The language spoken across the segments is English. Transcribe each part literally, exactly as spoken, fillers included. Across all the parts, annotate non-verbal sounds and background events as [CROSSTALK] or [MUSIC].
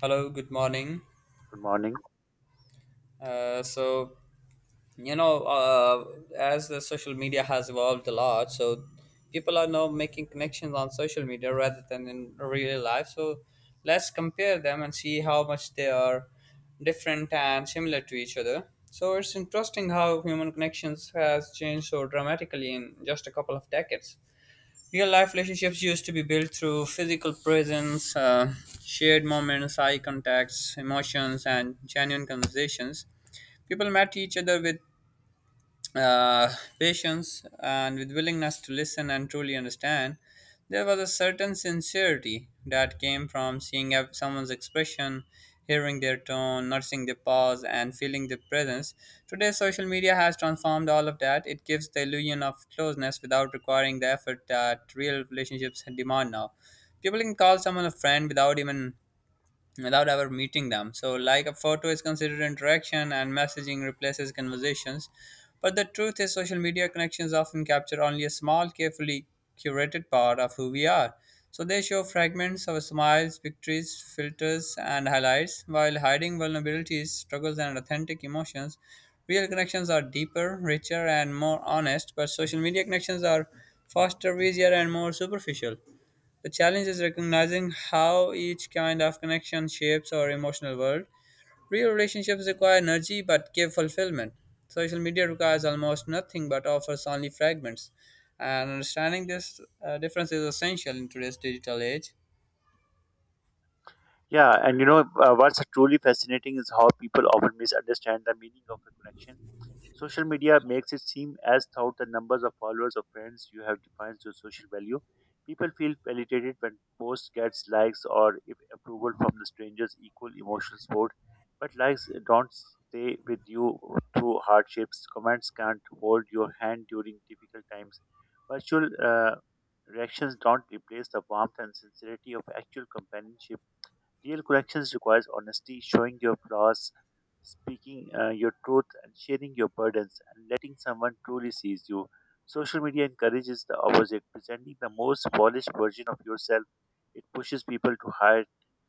Hello, good morning. Good morning. Uh, so, you know, uh, as the social media has evolved a lot, so people are now making connections on social media rather than in real life. So, let's compare them and see how much they are different and similar to each other. So, it's interesting how human connections has changed so dramatically in just a couple of decades. Real life relationships used to be built through physical presence, uh, shared moments, eye contacts, emotions, and genuine conversations. People met each other with uh, patience and with willingness to listen and truly understand. There was a certain sincerity that came from seeing ev- someone's expression, hearing their tone, noticing their pause, and feeling their presence. Today, social media has transformed all of that. It gives the illusion of closeness without requiring the effort that real relationships demand now. People can call someone a friend without even without ever meeting them. So, like a photo is considered interaction and messaging replaces conversations. But the truth is, social media connections often capture only a small, carefully curated part of who we are. So, they show fragments of smiles, victories, filters, and highlights, while hiding vulnerabilities, struggles, and authentic emotions. Real connections are deeper, richer, and more honest, but social media connections are faster, easier, and more superficial. The challenge is recognizing how each kind of connection shapes our emotional world. Real relationships require energy but give fulfillment. Social media requires almost nothing but offers only fragments. And understanding this uh, difference is essential in today's digital age. Yeah, and you know uh, what's truly fascinating is how people often misunderstand the meaning of a connection. Social media makes it seem as though the numbers of followers or friends you have defines your social value. People feel validated when posts gets likes or if approval from the strangers equal emotional support. But likes don't stay with you through hardships. Comments can't hold your hand during difficult times. Virtual uh, reactions don't replace the warmth and sincerity of actual companionship. Real connections requires honesty, showing your flaws, speaking uh, your truth, and sharing your burdens, and letting someone truly sees you. Social media encourages the opposite, presenting the most polished version of yourself. It pushes people to hide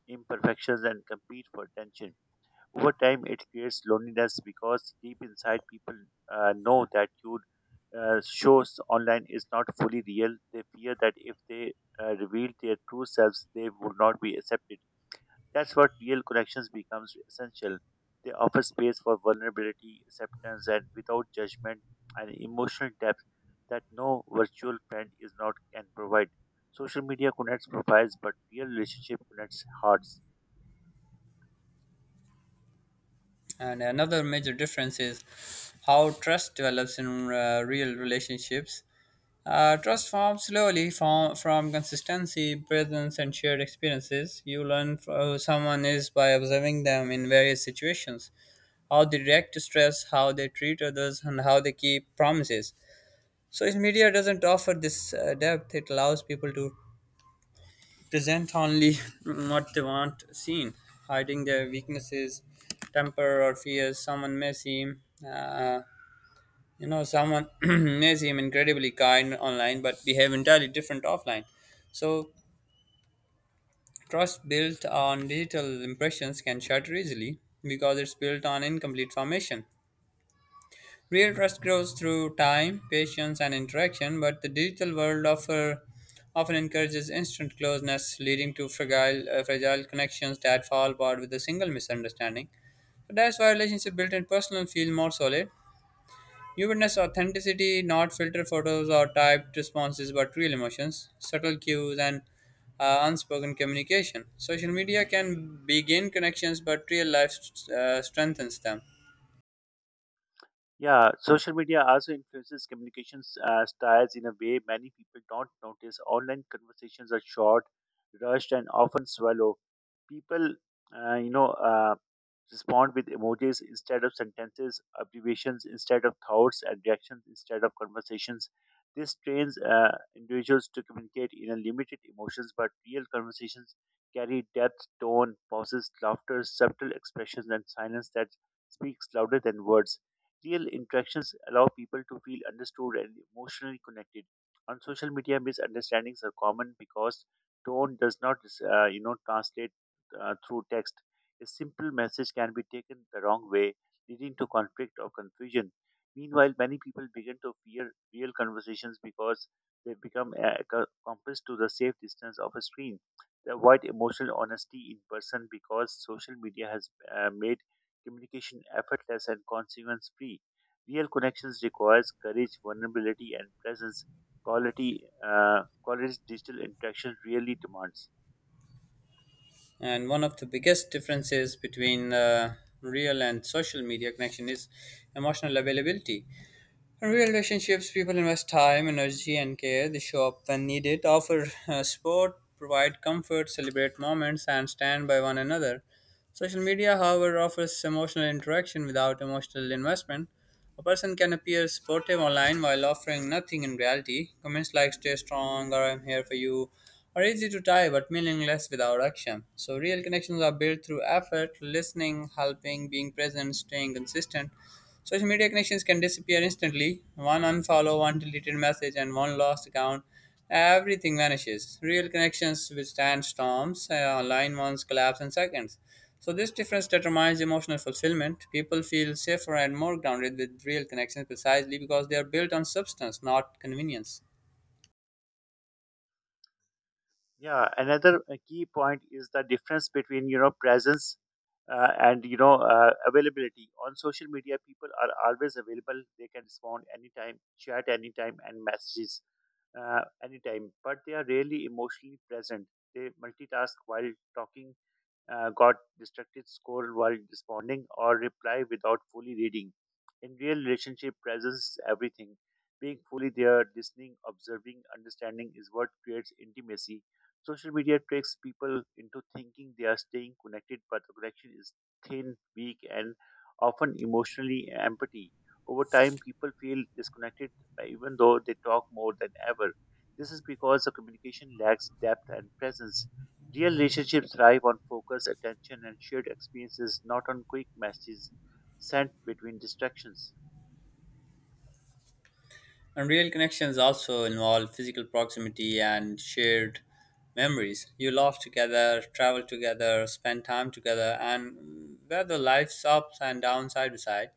imperfections and compete for attention. Over time, it creates loneliness because deep inside, people uh, know that your uh, shows online is not fully real. They fear that if they uh, reveal their true selves, they would not be accepted. That's what real connections becomes essential. They offer space for vulnerability, acceptance, and without judgment, and emotional depth that no virtual friend is not can provide. Social media connects profiles, but real relationship connects hearts. And another major difference is how trust develops in uh, real relationships. Uh, trust forms slowly from, from consistency, presence, and shared experiences. You learn f- who someone is by observing them in various situations, how they react to stress, how they treat others, and how they keep promises. So, if media doesn't offer this uh, depth, it allows people to present only [LAUGHS] what they want seen, hiding their weaknesses, temper, or fears. Someone may seem uh, you know, someone [CLEARS THROAT] may seem incredibly kind online but behave entirely different offline. So, trust built on digital impressions can shatter easily because it's built on incomplete formation. Real trust grows through time, patience, and interaction, but the digital world offer, often encourages instant closeness, leading to fragile, uh, fragile connections that fall apart with a single misunderstanding. So that's why relationships built in personal feel more solid. You witness authenticity, not filtered photos or typed responses, but real emotions, subtle cues, and uh, unspoken communication. Social media can begin connections, but real life uh, strengthens them. Yeah, social media also influences communications uh, styles in a way many people don't notice. Online conversations are short, rushed, and often swallow. People, uh, you know, uh, respond with emojis instead of sentences, abbreviations instead of thoughts, and reactions instead of conversations. This trains uh, individuals to communicate in a limited emotions, but real conversations carry depth, tone, pauses, laughter, subtle expressions, and silence that speaks louder than words. Real interactions allow people to feel understood and emotionally connected. On social media, misunderstandings are common because tone does not, uh, you know, translate uh, through text. A simple message can be taken the wrong way, leading to conflict or confusion. Meanwhile, many people begin to fear real conversations because they become uh, ac- accomplice to the safe distance of a screen. They avoid emotional honesty in person because social media has uh, made communication effortless and consequence free. Real connections requires courage, vulnerability, and presence. Quality, uh, quality digital interaction really demands. And one of the biggest differences between uh, real and social media connection is emotional availability. In real relationships, people invest time, energy, and care. They show up when needed, offer uh, support, provide comfort, celebrate moments, and stand by one another. Social media, however, offers emotional interaction without emotional investment. A person can appear supportive online while offering nothing in reality. Comments like stay strong or I'm here for you are easy to type but meaningless without action. So, real connections are built through effort, listening, helping, being present, staying consistent. Social media connections can disappear instantly. One unfollow, one deleted message, and one lost account. Everything vanishes. Real connections withstand storms, uh, online ones collapse in seconds. So, this difference determines emotional fulfillment. People feel safer and more grounded with real connections precisely because they are built on substance, not convenience. Yeah, another uh, key point is the difference between you know presence uh, and you know uh, availability. On social media, people are always available. They can respond anytime, chat anytime, and messages uh, anytime. But they are rarely emotionally present. They multitask while talking, uh, got distracted scroll while responding or reply without fully reading. In real relationship, presence is everything. Being fully there, listening, observing, understanding is what creates intimacy. Social media tricks people into thinking they are staying connected, but the connection is thin, weak, and often emotionally empty. Over time, people feel disconnected uh, even though they talk more than ever. This is because the communication lacks depth and presence. Real relationships thrive on focus, attention, and shared experiences, not on quick messages sent between distractions. And real connections also involve physical proximity and shared memories. You laugh together, travel together, spend time together, and weather life's ups and downs side by side.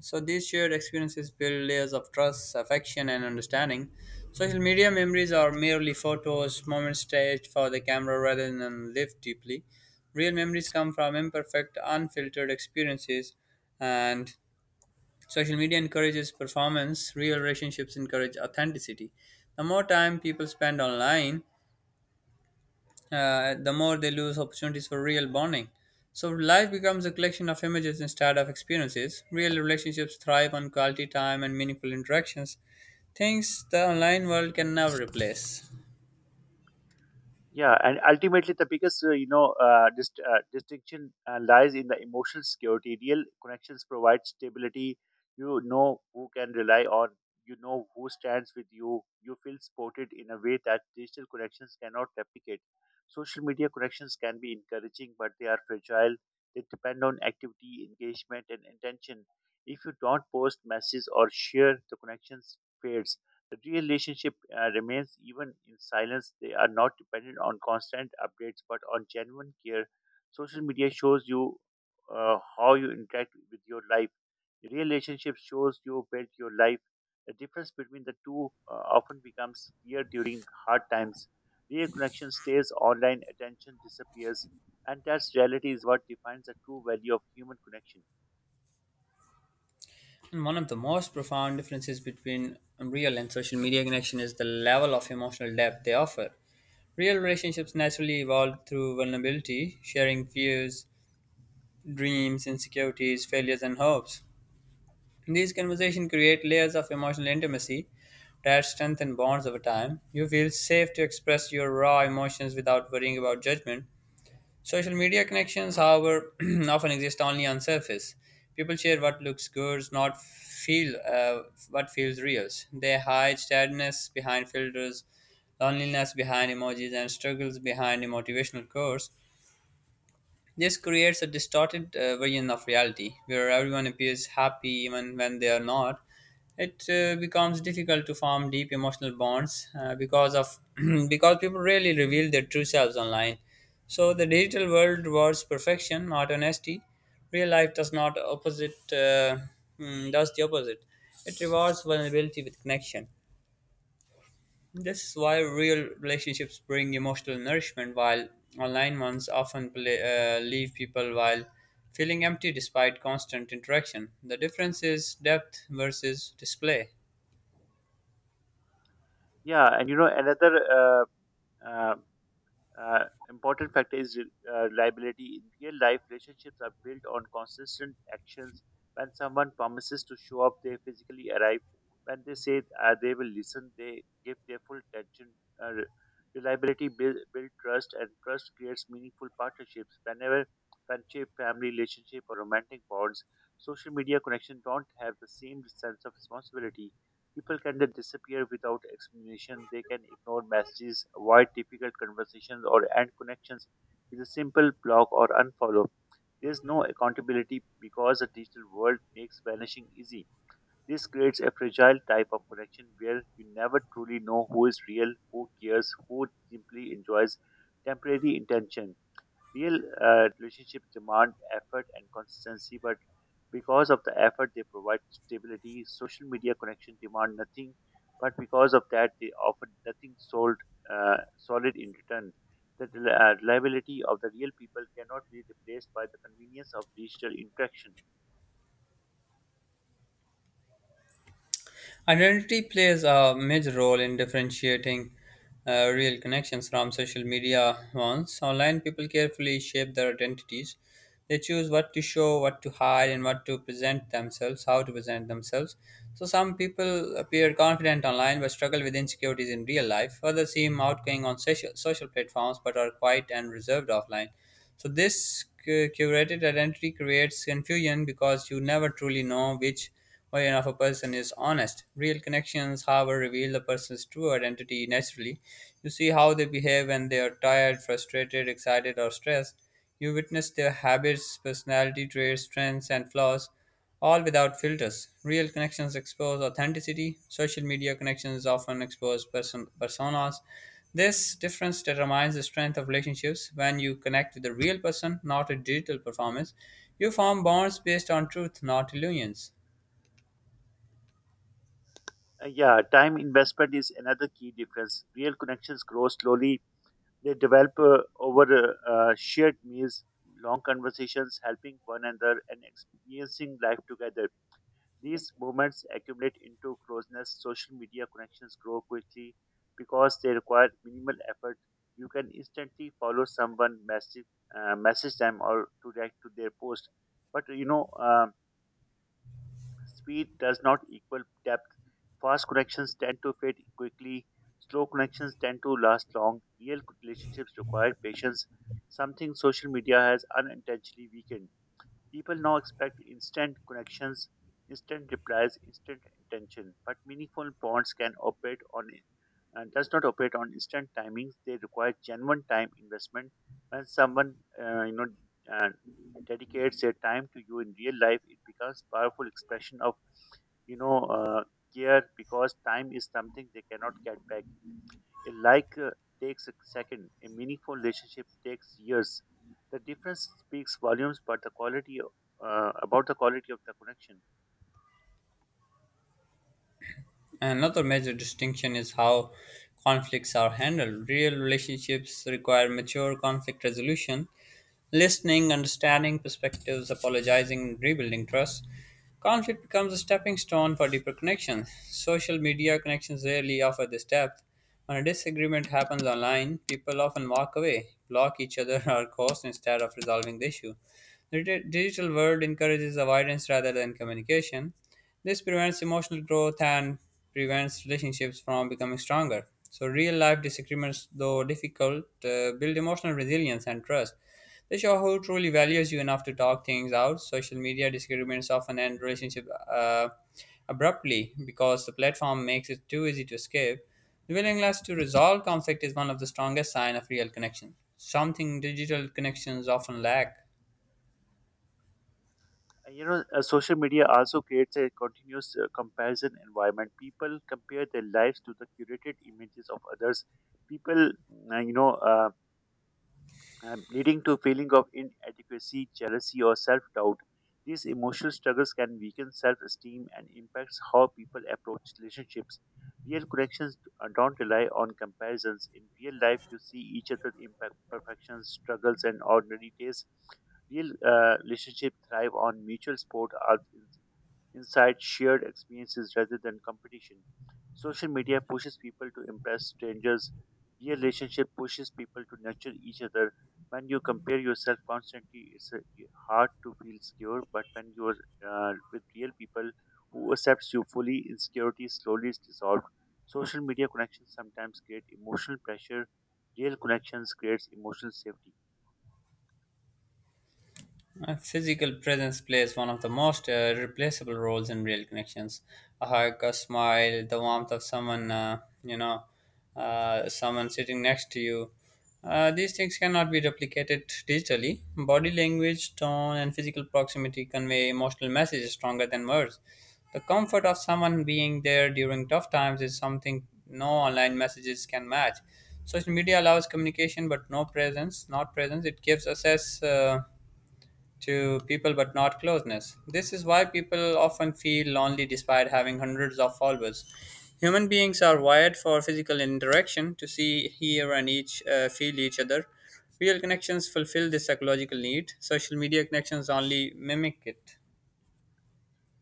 So these shared experiences build layers of trust, affection, and understanding. Social media memories are merely photos, moments staged for the camera rather than lived deeply. Real memories come from imperfect, unfiltered experiences, and social media encourages performance, real relationships encourage authenticity. The more time people spend online, uh, the more they lose opportunities for real bonding. So life becomes a collection of images instead of experiences. Real relationships thrive on quality time and meaningful interactions, things the online world can never replace. Yeah, and ultimately, the biggest uh, you know uh, dist- uh, distinction uh, lies in the emotional security. Real connections provide stability. You know who can rely on. You know who stands with you. You feel supported in a way that digital connections cannot replicate. Social media connections can be encouraging, but they are fragile. They depend on activity, engagement, and intention. If you don't post messages or share, the connections fades. The real relationship uh, remains even in silence. They are not dependent on constant updates but on genuine care. Social media shows you uh, how you interact with your life. The real relationship shows you build your life. The difference between the two uh, often becomes clear during hard times. Real connection stays online, attention disappears, and that's reality is what defines the true value of human connection. And one of the most profound differences between real and social media connection is the level of emotional depth they offer. Real relationships naturally evolve through vulnerability, sharing fears, dreams, insecurities, failures, and hopes. These conversations create layers of emotional intimacy that strengthen bonds over time. You feel safe to express your raw emotions without worrying about judgment. Social media connections, however, [CLEARS THROAT] often exist only on surface. People share what looks good, not feel uh, what feels real. They hide sadness behind filters, loneliness behind emojis, and struggles behind a motivational quotes. This creates a distorted uh, version of reality where everyone appears happy even when they are not. It uh, becomes difficult to form deep emotional bonds uh, because of [CLEARS THROAT] because people rarely reveal their true selves online. So the digital world rewards perfection, not honesty. Real life does not opposite uh, mm, does the opposite. It rewards vulnerability with connection. This is why real relationships bring emotional nourishment, while online ones often play, uh, leave people while feeling empty despite constant interaction. The difference is depth versus display. Yeah, and you know another uh, uh, Uh, important factor is uh, reliability. In real life, relationships are built on consistent actions. When someone promises to show up, they physically arrive. When they say uh, they will listen, they give their full attention. Uh, re- reliability build, build trust, and trust creates meaningful partnerships. Whenever friendship, family relationship, or romantic bonds, social media connection don't have the same sense of responsibility. People can then disappear without explanation. They can ignore messages, avoid difficult conversations, or end connections with a simple block or unfollow. There's no accountability because the digital world makes vanishing easy. This creates a fragile type of connection where you never truly know who is real, who cares, who simply enjoys temporary intention. Real uh, relationships demand effort and consistency, but because of the effort they provide stability, social media connection demand nothing, but because of that they offer nothing sold, uh, solid in return. The rel- uh, reliability of the real people cannot be replaced by the convenience of digital interaction. Identity plays a major role in differentiating uh, real connections from social media ones. Online people carefully shape their identities. They choose what to show, what to hide, and what to present themselves, how to present themselves. So, some people appear confident online but struggle with insecurities in real life. Others seem outgoing on social, social platforms but are quiet and reserved offline. So, this cu- curated identity creates confusion because you never truly know which or enough a person is honest. Real connections, however, reveal the person's true identity naturally. You see how they behave when they are tired, frustrated, excited, or stressed. You witness their habits, personality traits, strengths, and flaws, all without filters. Real connections expose authenticity. Social media connections often expose person- personas. This difference determines the strength of relationships. When you connect with a real person, not a digital performance, you form bonds based on truth, not illusions. Uh, yeah, time investment is another key difference. Real connections grow slowly. They develop uh, over uh, uh, shared meals, long conversations, helping one another, and experiencing life together. These moments accumulate into closeness. Social media connections grow quickly because they require minimal effort. You can instantly follow someone, message, uh, message them, or to react to their post. But you know, um, speed does not equal depth. Fast connections tend to fade quickly. Slow connections tend to last long. Real relationships require patience, something social media has unintentionally weakened. People now expect instant connections, instant replies, instant attention, but meaningful bonds can operate on and does not operate on instant timings. They require genuine time investment. When someone uh, you know uh, dedicates their time to you in real life, it becomes powerful expression of you know uh, care because time is something they cannot get back. A like uh, takes a second, a meaningful relationship takes years. The difference speaks volumes but the quality of- uh, about the quality of the connection. Another major distinction is how conflicts are handled. Real relationships require mature conflict resolution, listening, understanding perspectives, apologizing, and rebuilding trust. Conflict becomes a stepping stone for deeper connections. Social media connections rarely offer this depth. When a disagreement happens online, people often walk away, block each other, [LAUGHS] or ghost instead of resolving the issue. The di- digital world encourages avoidance rather than communication. This prevents emotional growth and prevents relationships from becoming stronger. So, real life disagreements, though difficult, uh, build emotional resilience and trust. They show who truly values you enough to talk things out. Social media disagreements often end relationships uh, abruptly because the platform makes it too easy to escape. The willingness to resolve conflict is one of the strongest signs of real connection, something digital connections often lack. And, you know uh, social media also creates a continuous uh, comparison environment. People compare their lives to the curated images of others, people uh, you know uh, um, leading to feeling of inadequacy, jealousy, or self-doubt. These emotional struggles can weaken self-esteem and impacts how people approach relationships. Real connections uh, don't rely on comparisons. In real life, you see each other's imperfections, struggles, and ordinary days. Real uh, relationships thrive on mutual support, uh, inside shared experiences rather than competition. Social media pushes people to impress strangers. Real relationship pushes people to nurture each other. When you compare yourself constantly, it's uh, hard to feel secure. But when you're uh, with real people who accepts you fully, insecurity slowly is dissolved. Social media connections sometimes create emotional pressure. Real connections creates emotional safety. Uh, physical presence plays one of the most uh, replaceable roles in real connections. A hug, a smile, the warmth of someone, uh, you know, uh, someone sitting next to you. Uh, these things cannot be replicated digitally. Body language, tone, and physical proximity convey emotional messages stronger than words. The comfort of someone being there during tough times is something no online messages can match. Social media allows communication, but no presence. Not presence. It gives access. Uh, to people but not closeness. This is why people often feel lonely despite having hundreds of followers. Human beings are wired for physical interaction to see, hear, and each uh, feel each other. Real connections fulfill this psychological need. Social media connections only mimic it.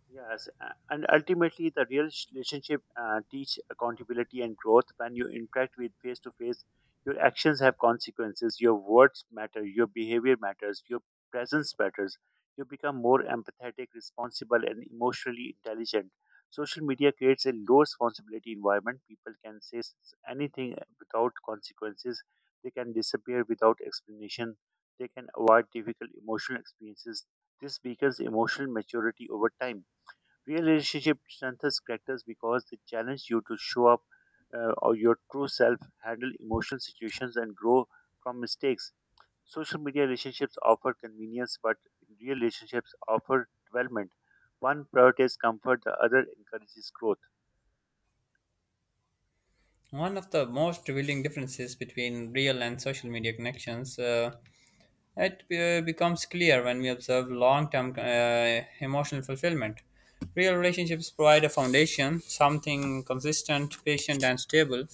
Yes, a- and ultimately, the real sh- relationship uh, teach accountability and growth. When you interact with face to face, your actions have consequences. Your words matter. Your behavior matters. Your presence matters. You become more empathetic, responsible, and emotionally intelligent. Social media creates a low responsibility environment. People can say s- anything without consequences. They can disappear without explanation. They can avoid difficult emotional experiences. This weakens emotional maturity over time. Real relationship strengthens characters because they challenge you to show up uh, or your true self, handle emotional situations, and grow from mistakes. Social media relationships offer convenience, but real relationships offer development. One prioritizes comfort, the other encourages growth. One of the most revealing differences between real and social media connections uh, It uh, becomes clear when we observe long term uh, emotional fulfillment. Real relationships provide a foundation, something consistent, patient, and stable.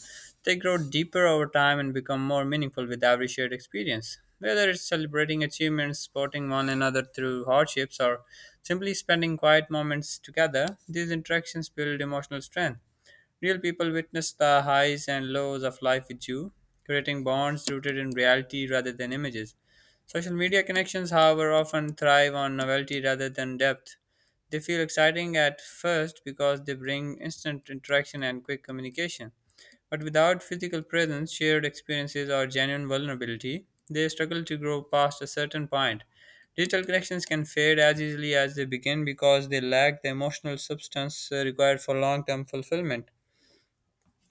They grow deeper over time and become more meaningful with every shared experience. Whether it's celebrating achievements, supporting one another through hardships, or simply spending quiet moments together, these interactions build emotional strength. Real people witness the highs and lows of life with you, creating bonds rooted in reality rather than images. Social media connections, however, often thrive on novelty rather than depth. They feel exciting at first because they bring instant interaction and quick communication. But without physical presence, shared experiences, or genuine vulnerability, they struggle to grow past a certain point. Digital connections can fade as easily as they begin because they lack the emotional substance uh, required for long term fulfillment.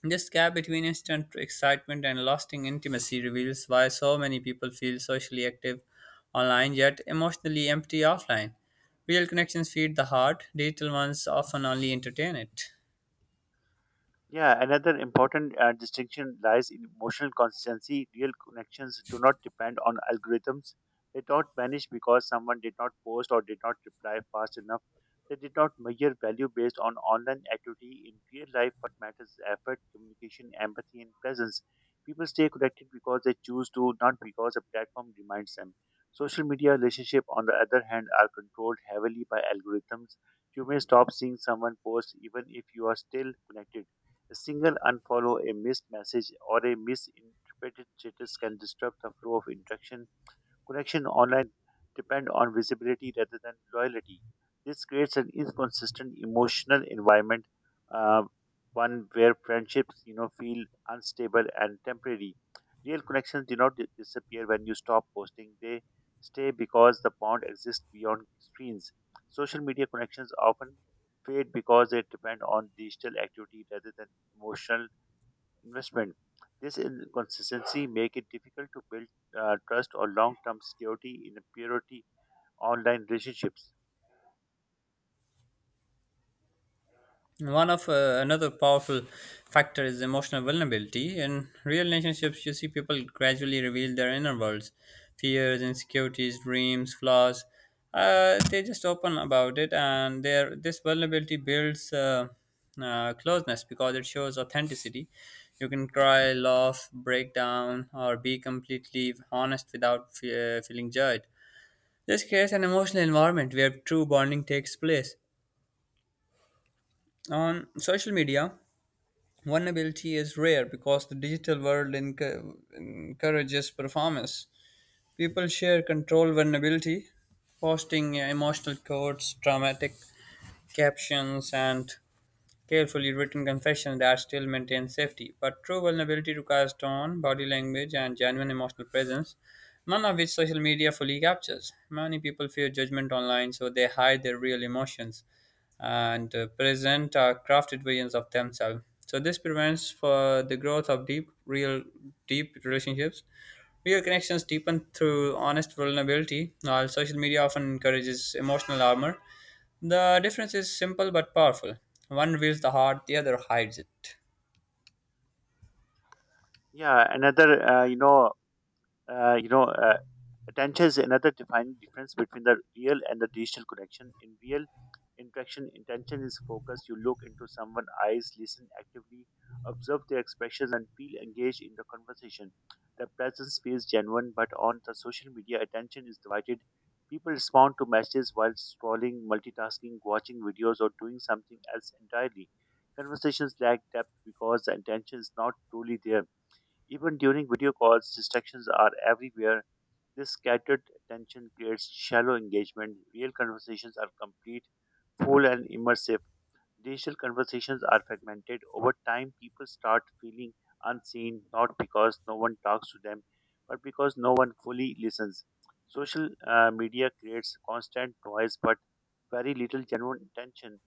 This gap between instant excitement and lasting intimacy reveals why so many people feel socially active online yet emotionally empty offline. Real connections feed the heart, digital ones often only entertain it. Yeah, another important uh, distinction lies in emotional consistency. Real connections do not depend on algorithms. They don't vanish because someone did not post or did not reply fast enough. They did not measure value based on online activity. In real life, what matters is effort, communication, empathy, and presence. People stay connected because they choose to, not because a platform reminds them. Social media relationships, on the other hand, are controlled heavily by algorithms. You may stop seeing someone post even if you are still connected. A single unfollow, a missed message, or a misinterpreted status can disrupt the flow of interaction. Connection online depend on visibility rather than loyalty. This creates an inconsistent emotional environment, uh, one where friendships, you know, feel unstable and temporary. Real connections do not di- disappear when you stop posting; they stay because the bond exists beyond screens. Social media connections often fade because they depend on digital activity rather than emotional investment. This inconsistency make it difficult to build uh, trust or long-term security in a purity online relationships. One of uh, another powerful factor is emotional vulnerability. In real relationships, you see people gradually reveal their inner worlds: fears, insecurities, dreams, flaws. Uh, they just open about it, and their this vulnerability builds uh, uh, closeness because it shows authenticity. You can cry, laugh, break down, or be completely honest without fe- uh, feeling judged. This creates an emotional environment where true bonding takes place. On social media, vulnerability is rare because the digital world enc- encourages performance. People share control vulnerability, posting emotional quotes, dramatic captions, and carefully written confession that still maintains safety. But true vulnerability requires tone, body language, and genuine emotional presence, none of which social media fully captures. Many people fear judgment online, so they hide their real emotions and uh, present uh, crafted versions of themselves. So this prevents for the growth of deep, real, deep relationships. Real connections deepen through honest vulnerability, while social media often encourages emotional armor. The difference is simple but powerful. One reveals the heart, the other hides it. Yeah, another uh, you know uh, you know uh, attention is another defining difference between the real and the digital connection. In real interaction, intention is focused. You look into someone's eyes, listen actively, observe their expressions, and feel engaged in the conversation. The presence feels genuine, but on the social media, attention is divided. People respond to messages while scrolling, multitasking, watching videos, or doing something else entirely. Conversations lack depth because the intention is not truly there. Even during video calls, distractions are everywhere. This scattered attention creates shallow engagement. Real conversations are complete, full, and immersive. Digital conversations are fragmented. Over time, people start feeling unseen, not because no one talks to them, but because no one fully listens. Social uh, media creates constant noise, but very little genuine attention.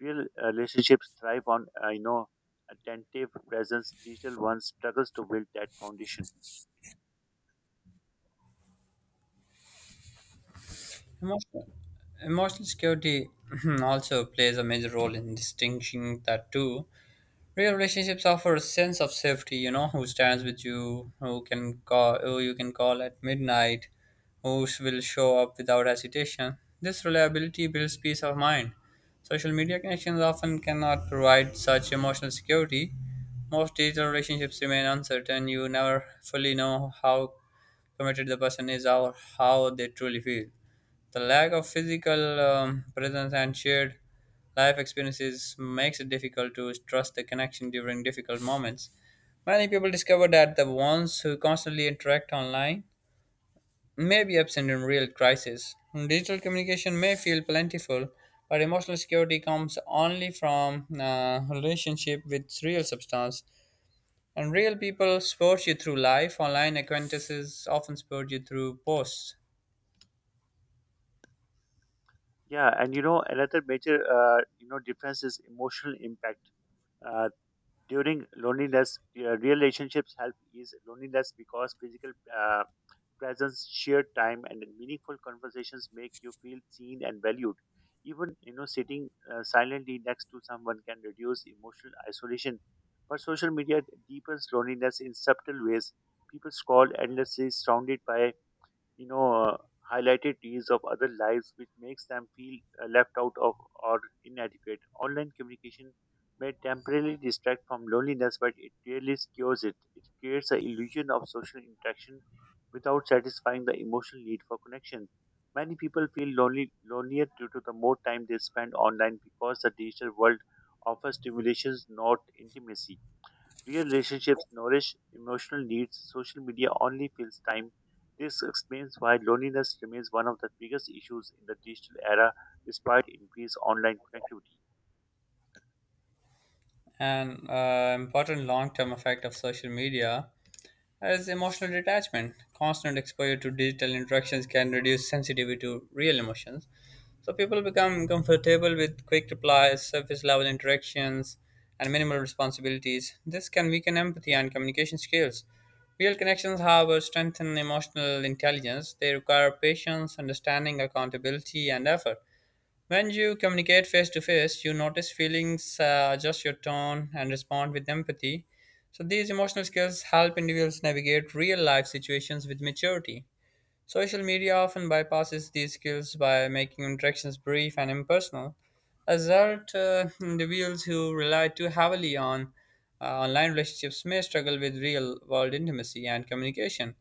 Real uh, relationships thrive on, uh, you know, attentive presence. Digital ones struggles to build that foundation. Emotional, Emotional security [CLEARS THROAT] also plays a major role in distinguishing the two. Real relationships offer a sense of safety, you know, who stands with you, who can call, who you can call at midnight, who sh- will show up without hesitation. This reliability builds peace of mind. Social media connections often cannot provide such emotional security. Most digital relationships remain uncertain. You never fully know how committed the person is or how they truly feel. The lack of physical um, presence and shared life experiences makes it difficult to trust the connection during difficult moments. Many people discover that the ones who constantly interact online may be absent in real crisis. Digital communication may feel plentiful, but emotional security comes only from uh, relationship with real substance. And real people support you through life. Online acquaintances often support you through posts. Yeah, and you know another major uh, you know difference is emotional impact. Uh, during loneliness, uh, real relationships help ease loneliness because physical uh, presence, shared time, and meaningful conversations make you feel seen and valued. Even you know sitting uh, silently next to someone can reduce emotional isolation. But social media deepens loneliness in subtle ways. People scroll endlessly, surrounded by you know uh, highlighted reels of other lives, which makes them feel uh, left out of or inadequate. Online communication may temporarily distract from loneliness, but it really cures it. It creates the illusion of social interaction without satisfying the emotional need for connection. Many people feel lonely lonelier due to the more time they spend online, because the digital world offers stimulations, not intimacy. Real relationships nourish emotional needs. Social media only fills time. This explains why loneliness remains one of the biggest issues in the digital era despite increased online connectivity. An uh, important long-term effect of social media as emotional detachment, constant exposure to digital interactions can reduce sensitivity to real emotions. So people become comfortable with quick replies, surface level interactions, and minimal responsibilities. This can weaken empathy and communication skills. Real connections, however, strengthen emotional intelligence. They require patience, understanding, accountability, and effort. When you communicate face to face, you notice feelings, uh, adjust your tone, and respond with empathy. So, these emotional skills help individuals navigate real life situations with maturity. Social media often bypasses these skills by making interactions brief and impersonal. As a result, uh, individuals who rely too heavily on uh, online relationships may struggle with real world intimacy and communication.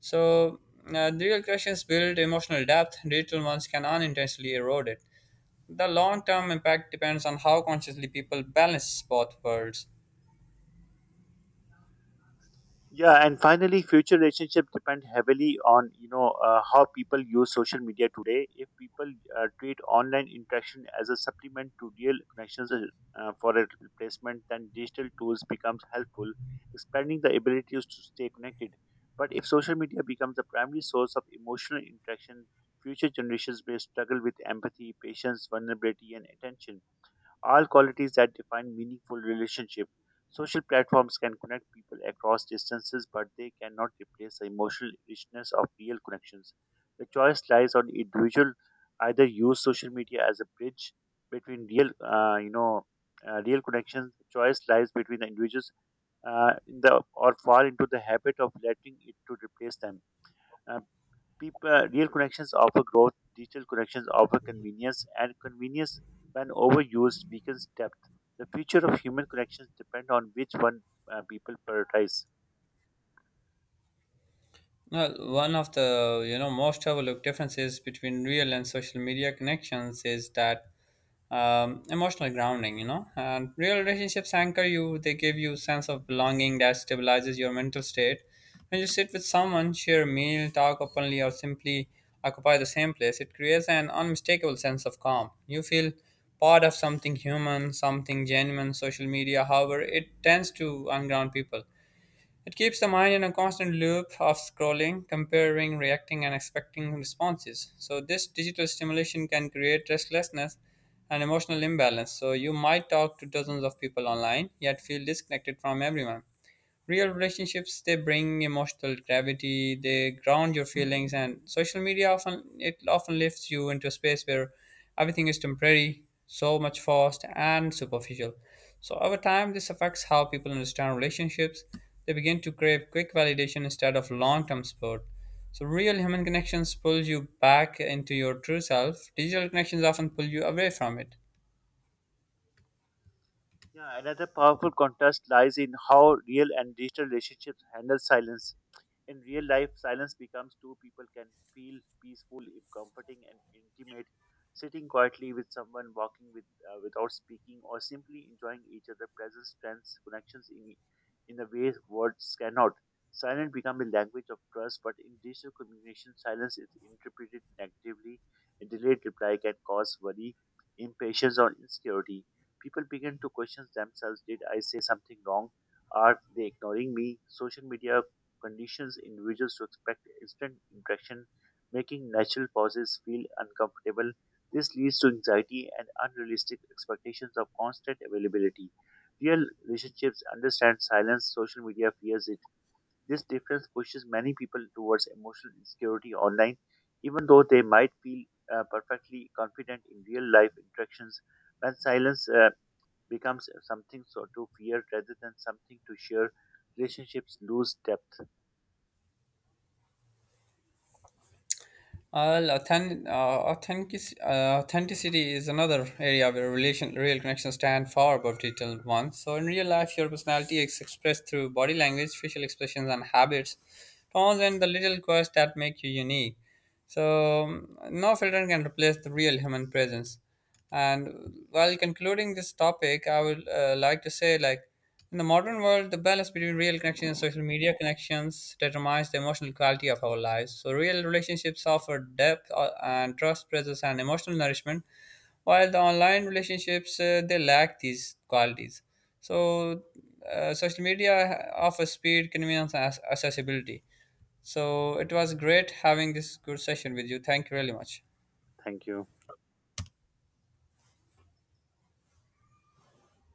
So, uh, the real questions build emotional depth, digital ones can unintentionally erode it. The long-term impact depends on how consciously people balance both worlds. Yeah, and finally, future relationships depend heavily on you know uh, how people use social media today. If people uh, treat online interaction as a supplement to real connections uh, uh, for a replacement, then digital tools becomes helpful, expanding the abilities to stay connected. But if social media becomes the primary source of emotional interaction, future generations may struggle with empathy, patience, vulnerability, and attention, all qualities that define meaningful relationship. Social platforms can connect people across distances, but they cannot replace the emotional richness of real connections. The choice lies on individual. Either use social media as a bridge between real, uh, you know, uh, real connections. The choice lies between the individuals, uh, in the or fall into the habit of letting it to replace them. Uh, People, real connections offer growth, digital connections offer convenience, and convenience, when overused, weakens depth. The future of human connections depend on which one uh, people prioritize. Well, one of the you know most overlooked differences between real and social media connections is that um, emotional grounding. You know, and real relationships anchor you. They give you sense of belonging that stabilizes your mental state. When you sit with someone, share a meal, talk openly, or simply occupy the same place, it creates an unmistakable sense of calm. You feel part of something human, something genuine. Social media, however, it tends to unground people. It keeps the mind in a constant loop of scrolling, comparing, reacting, and expecting responses. So, this digital stimulation can create restlessness and emotional imbalance. So, you might talk to dozens of people online, yet feel disconnected from everyone. Real relationships, they bring emotional gravity. They ground your feelings, and social media often it often lifts you into a space where everything is temporary, so much fast and superficial. So over time this affects how people understand relationships. They begin to crave quick validation instead of long-term support. So real human connections pulls you back into your true self. Digital connections often pull you away from it. Yeah, another powerful contrast lies in how real and digital relationships handle silence. In real life, silence becomes two people can feel peaceful, comforting, and intimate. Sitting quietly with someone, walking with uh, without speaking, or simply enjoying each other's presence strengths connections in in a way words cannot. Silence becomes a language of trust, but in digital communication, silence is interpreted negatively. A delayed reply can cause worry, impatience, or insecurity. People begin to question themselves: did I say something wrong? Are they ignoring me? Social media conditions individuals to expect instant interaction, making natural pauses feel uncomfortable. This leads to anxiety and unrealistic expectations of constant availability. Real relationships understand silence, social media fears it. This difference pushes many people towards emotional insecurity online, even though they might feel uh, perfectly confident in real life interactions. When silence uh, becomes something so to fear rather than something to share, relationships lose depth. Well, authentic, uh, authentic, uh, authenticity is another area where relation, real connections stand far above detailed ones. So, in real life, your personality is expressed through body language, facial expressions, and habits, tones, and the little quirks that make you unique. So, um, no filter can replace the real human presence. And while concluding this topic, I would uh, like to say, like, in the modern world, the balance between real connections and social media connections determines the emotional quality of our lives. So, real relationships offer depth uh, and trust, presence, and emotional nourishment, while the online relationships uh, they lack these qualities. So, uh, social media offers speed, convenience, and ac- accessibility. So, it was great having this good session with you. Thank you really much. Thank you.